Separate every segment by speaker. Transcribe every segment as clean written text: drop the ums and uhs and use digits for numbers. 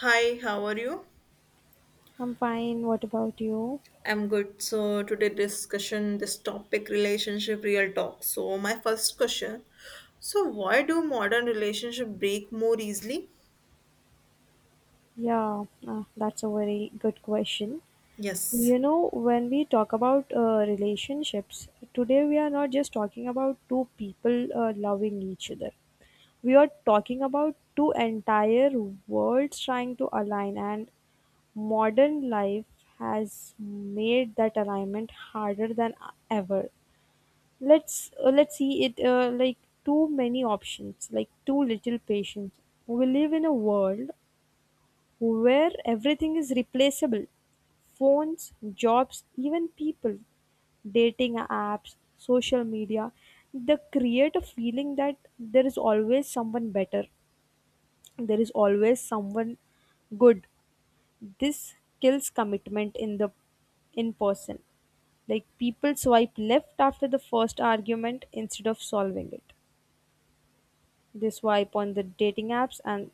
Speaker 1: Hi, how are you?
Speaker 2: I'm fine. What about you?
Speaker 1: I'm good. So today discussion this topic relationship real talk. So my first question. So why do modern relationship break more easily?
Speaker 2: Yeah, that's a very good question.
Speaker 1: Yes.
Speaker 2: When we talk about relationships, today we are not just talking about two people loving each other. We are talking about two entire worlds trying to align, and modern life has made that alignment harder than ever. Let's see it like too many options, like too little patience. We live in a world where everything is replaceable phones, jobs, even people, dating apps, social media they create a feeling that there is always someone better, there is always someone good. This kills commitment in the in person. Like people swipe left after the first argument instead of solving it. They swipe on the dating apps, and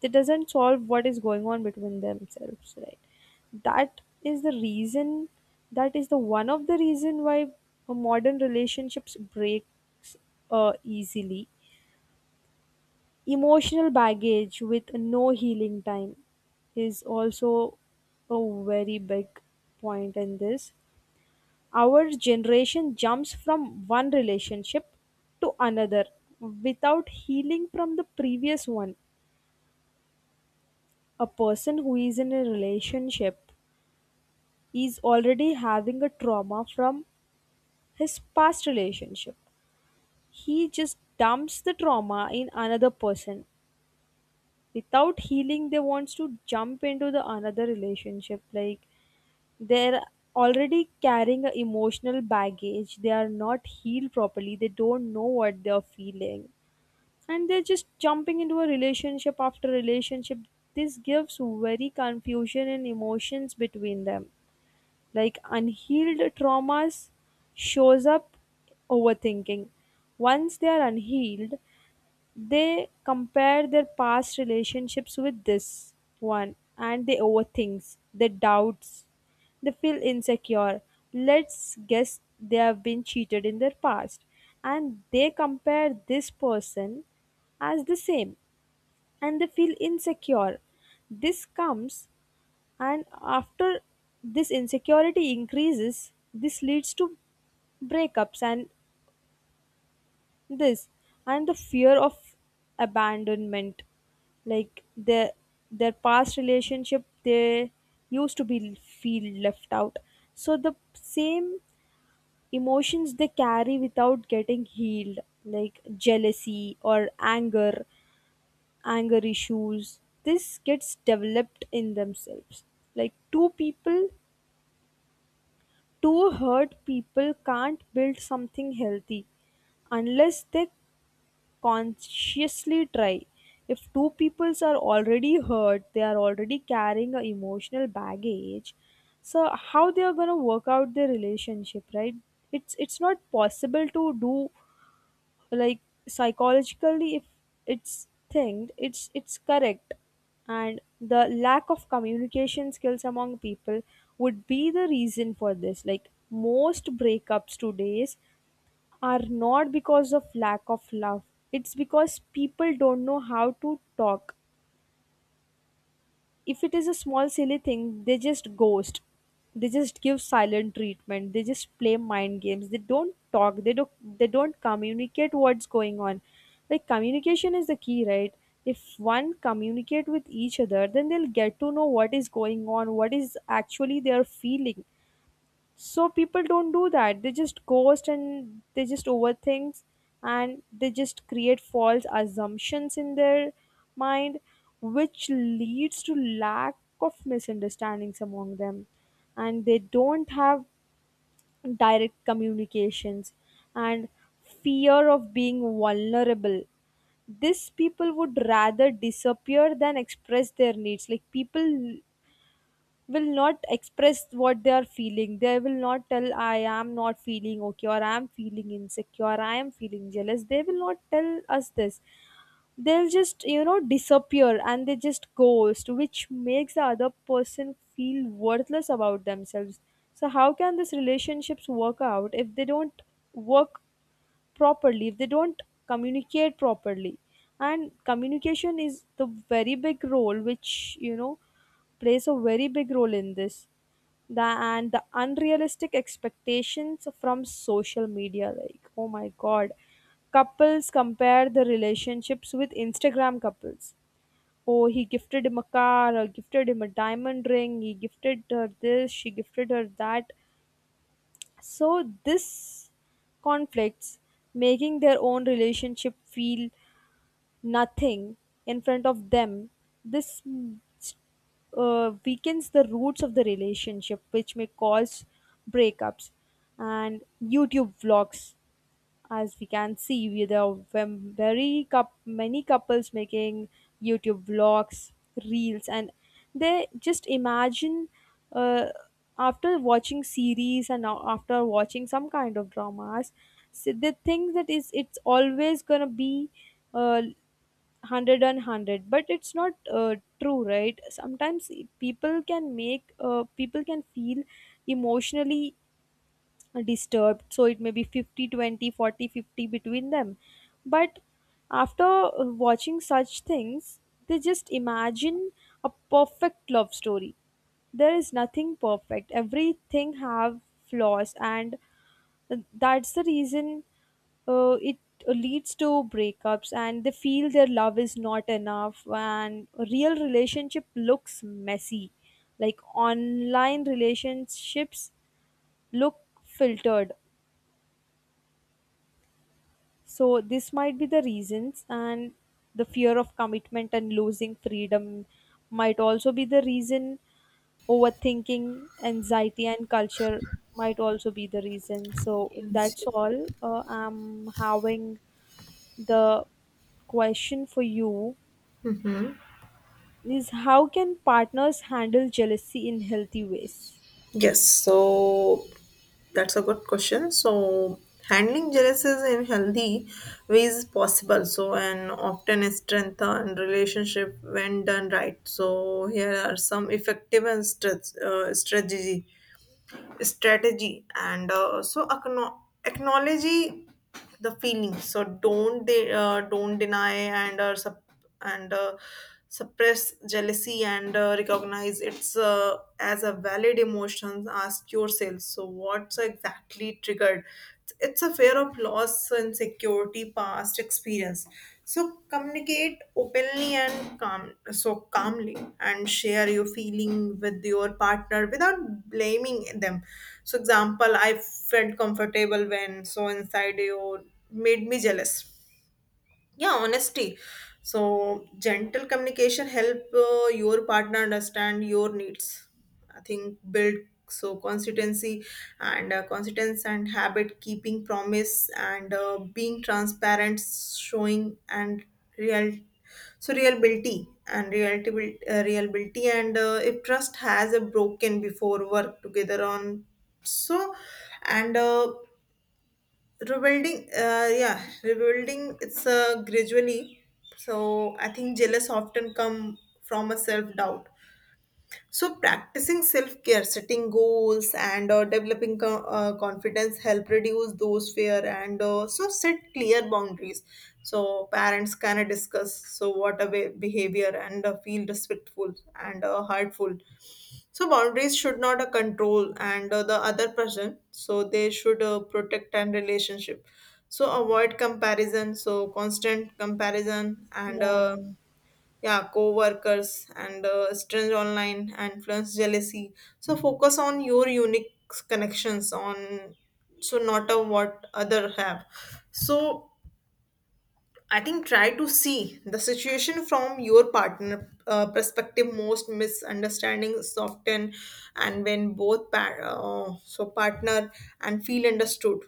Speaker 2: they doesn't solve what is going on between themselves, right? That is the reason. That is the one of the reason why modern relationships breaks easily. Emotional baggage with no healing time is also a very big point in this. Our generation jumps from one relationship to another without healing from the previous one. A person who is in a relationship, he's already having a trauma from his past relationship. He just dumps the trauma in another person. Without healing, they wants to jump into the another relationship. Like they're already carrying a emotional baggage. They are not healed properly. They don't know what they're feeling. And they're just jumping into a relationship after relationship. This gives very confusion and emotions between them. Like unhealed traumas shows up overthinking. Once they are unhealed, they compare their past relationships with this one, and they overthinks, they doubts, they feel insecure. Let's guess they have been cheated in their past, and they compare this person as the same, and they feel insecure. This comes, and after this insecurity increases, this leads to breakups. And this, and the fear of abandonment, like their past relationship, they used to be feel left out. So the same emotions they carry without getting healed, like jealousy or anger issues, this gets developed in themselves. like two people Two hurt people can't build something healthy unless they consciously try. If two peoples are already hurt, they are already carrying a emotional baggage. So how they are gonna work out their relationship, right? It's not possible to do, like, psychologically, if it's thinged it's correct. And the lack of communication skills among people would be the reason for this. Like most breakups today's are not because of lack of love. It's because people don't know how to talk. If it is a small silly thing, they just ghost. They just give silent treatment, they just play mind games, they don't talk, they don't communicate what's going on. Like communication is the key, right? If one communicate with each other, then they'll get to know what is going on, what is actually they are feeling. So people don't do that. They just ghost, and they just overthink, and they just create false assumptions in their mind, which leads to lack of misunderstandings among them. And they don't have direct communications and fear of being vulnerable. These people would rather disappear than express their needs. Like people will not express what they are feeling. They will not tell, I am not feeling okay, or I am feeling insecure, I am feeling jealous. They will not tell us this. They'll just disappear, and they just ghost, which makes the other person feel worthless about themselves. So, how can these relationships work out if they don't work properly, if they don't communicate properly? And communication is the very big role which plays a very big role in this. The and the unrealistic expectations from social media, like, oh my god, couples compare the relationships with Instagram couples. Oh, he gifted him a car, or gifted him a diamond ring, he gifted her this, she gifted her that. So this conflicts, making their own relationship feel nothing in front of them. This weakens the roots of the relationship, which may cause breakups. And YouTube vlogs, as we can see, there are very many couples making YouTube vlogs, reels, and they just imagine uh, after watching series and after watching some kind of dramas. So they think that is it's always gonna be uh, hundred and hundred, but it's not true, right? Sometimes people can feel emotionally disturbed, so it may be 50, 20, 40, 50 between them. But after watching such things, they just imagine a perfect love story. There is nothing perfect, everything have flaws, and that's the reason it leads to breakups, and they feel their love is not enough, and a real relationship looks messy, like online relationships look filtered. So this might be the reasons. And the fear of commitment and losing freedom might also be the reason. Overthinking, anxiety, and culture might also be the reason. So
Speaker 1: Yes,
Speaker 2: that's
Speaker 1: yes.
Speaker 2: all. I'm having the question for you is how can partners handle jealousy in healthy ways?
Speaker 1: Yes. So that's a good question. So handling jealousies in healthy ways is possible. So and often strengthen relationship when done right. So here are some effective and strat- strategy. Strategy and so acknow- acknowledge the feelings so don't they don't deny and suppress jealousy and recognize it's as a valid emotion, ask yourself so what's exactly triggered it's a fear of loss, insecurity, past experience. So communicate openly and calmly, and share your feeling with your partner without blaming them. So example, I felt comfortable when so and side you made me jealous, yeah, honesty. So gentle communication help your partner understand your needs. I think build so consistency and habit, keeping promise and being transparent, showing and real. So reliability and if trust has a broken before, work together on so and rebuilding. Yeah, rebuilding it's gradually. So I think jealous often come from a self doubt. So practicing self care, setting goals, and developing confidence help reduce those fear, and so set clear boundaries. So parents can discuss so what a behavior and feel respectful and heartful. So boundaries should not control and the other person. So they should protect and relationship. So avoid comparison. So constant comparison and
Speaker 2: Yeah.
Speaker 1: yeah, co-workers and strange online and influence jealousy. So focus on your unique connections on so not on what other have. So I think try to see the situation from your partner perspective. Most misunderstandings soften, and when both partner and feel understood,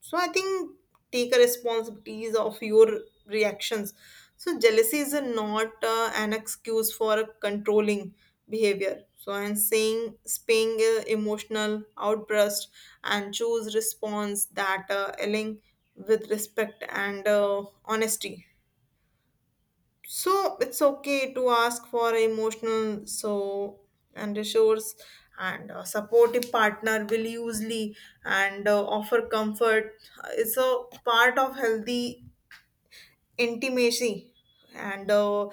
Speaker 1: so I think take a responsibilities of your reactions. So jealousy is a not an excuse for a controlling behavior. So I'm saying spaying emotional outburst and choose response that align with respect and honesty. So it's okay to ask for emotional so and resource, and a supportive partner will usually and offer comfort. It's a part of healthy intimacy and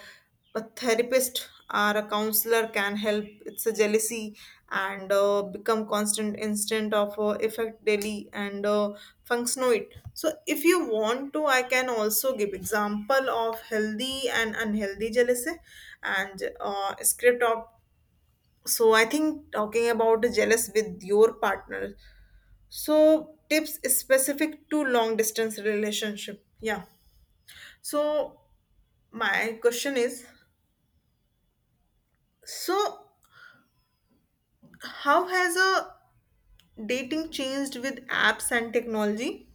Speaker 1: a therapist or a counselor can help. It's a jealousy and become constant instant of effect daily and functional it. So if you want to, I can also give example of healthy and unhealthy jealousy and script of. So I think talking about the jealous with your partner, so tips specific to long distance relationship. Yeah, so my question is, so how has a dating changed with apps and technology?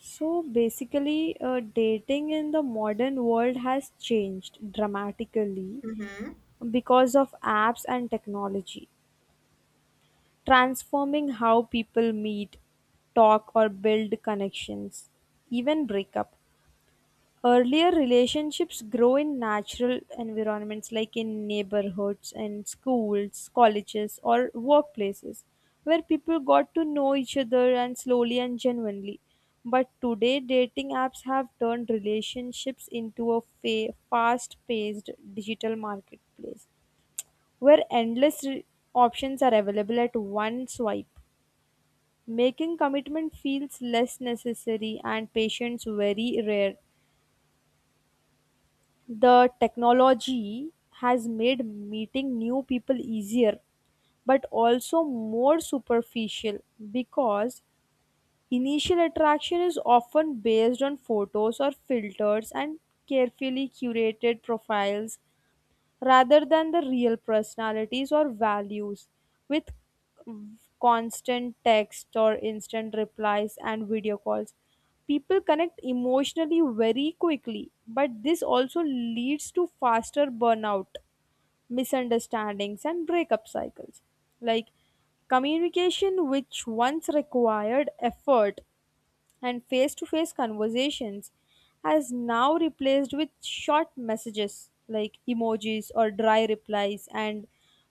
Speaker 2: So basically, dating in the modern world has changed dramatically because of apps and technology, transforming how people meet, talk, or build connections, even break up. Earlier relationships grow in natural environments, like in neighborhoods and schools, colleges, or workplaces, where people got to know each other and slowly and genuinely. But today, dating apps have turned relationships into a fast paced digital marketplace, where endless options are available at one swipe, making commitment feels less necessary and patience very rare. The technology has made meeting new people easier, but also more superficial, because initial attraction is often based on photos or filters and carefully curated profiles rather than the real personalities or values. With constant text or instant replies and video calls, people connect emotionally very quickly, but this also leads to faster burnout, misunderstandings, and breakup cycles. Like communication, which once required effort, and face to face conversations, has now replaced with short messages like emojis or dry replies and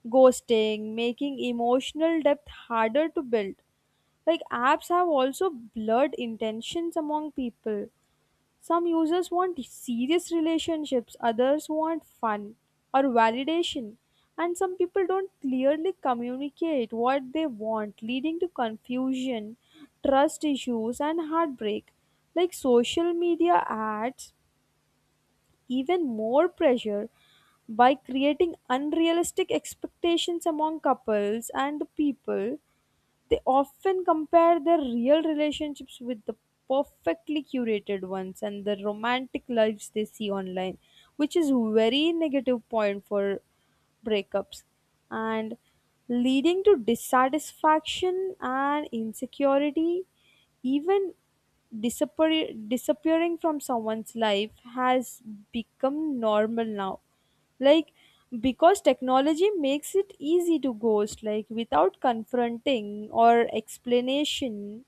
Speaker 2: ghosting, making emotional depth harder to build. Like apps have also blurred intentions among people. Some users want serious relationships, others want fun or validation, and some people don't clearly communicate what they want, leading to confusion, trust issues, and heartbreak. Like social media adds even more pressure by creating unrealistic expectations among couples and people. They often compare their real relationships with the perfectly curated ones and the romantic lives they see online, which is very negative point for breakups and leading to dissatisfaction and insecurity. Even disappearing from someone's life has become normal now, like, because technology makes it easy to ghost, like, without confronting or explanation.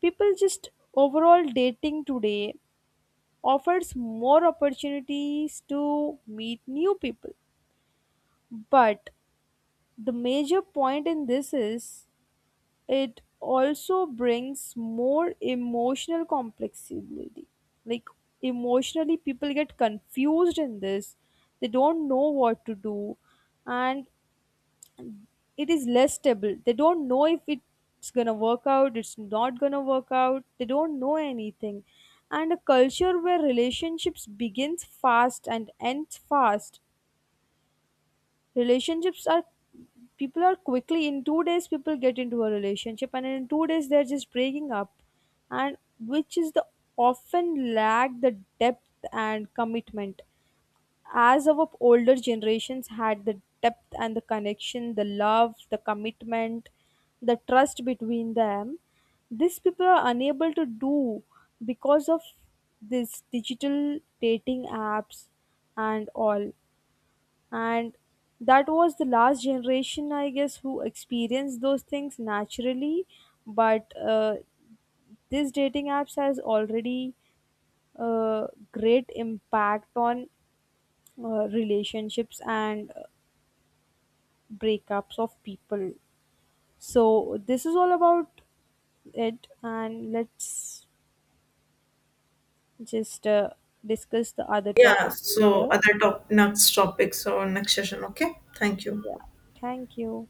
Speaker 2: People just overall dating today offers more opportunities to meet new people. But the major point in this is it also brings more emotional complexity. Like emotionally people get confused in this. They don't know what to do, and it is less stable. They don't know if it's gonna work out, it's not gonna work out. They don't know anything. And a culture where relationships begins fast and ends fast. Relationships are people are quickly in 2 days, people get into a relationship and in 2 days they're just breaking up. And which is the often lack the depth and commitment, as our older generations had the depth and the connection, the love, the commitment, the trust between them. These people are unable to do because of this digital dating apps and all. And that was the last generation, I guess, who experienced those things naturally. But this dating apps has already great impact on relationships and breakups of people. So this is all about it, and let's just discuss the other
Speaker 1: Yeah,
Speaker 2: topic
Speaker 1: so
Speaker 2: later.
Speaker 1: other top next topics or next session. Okay, thank you.
Speaker 2: Yeah, thank you.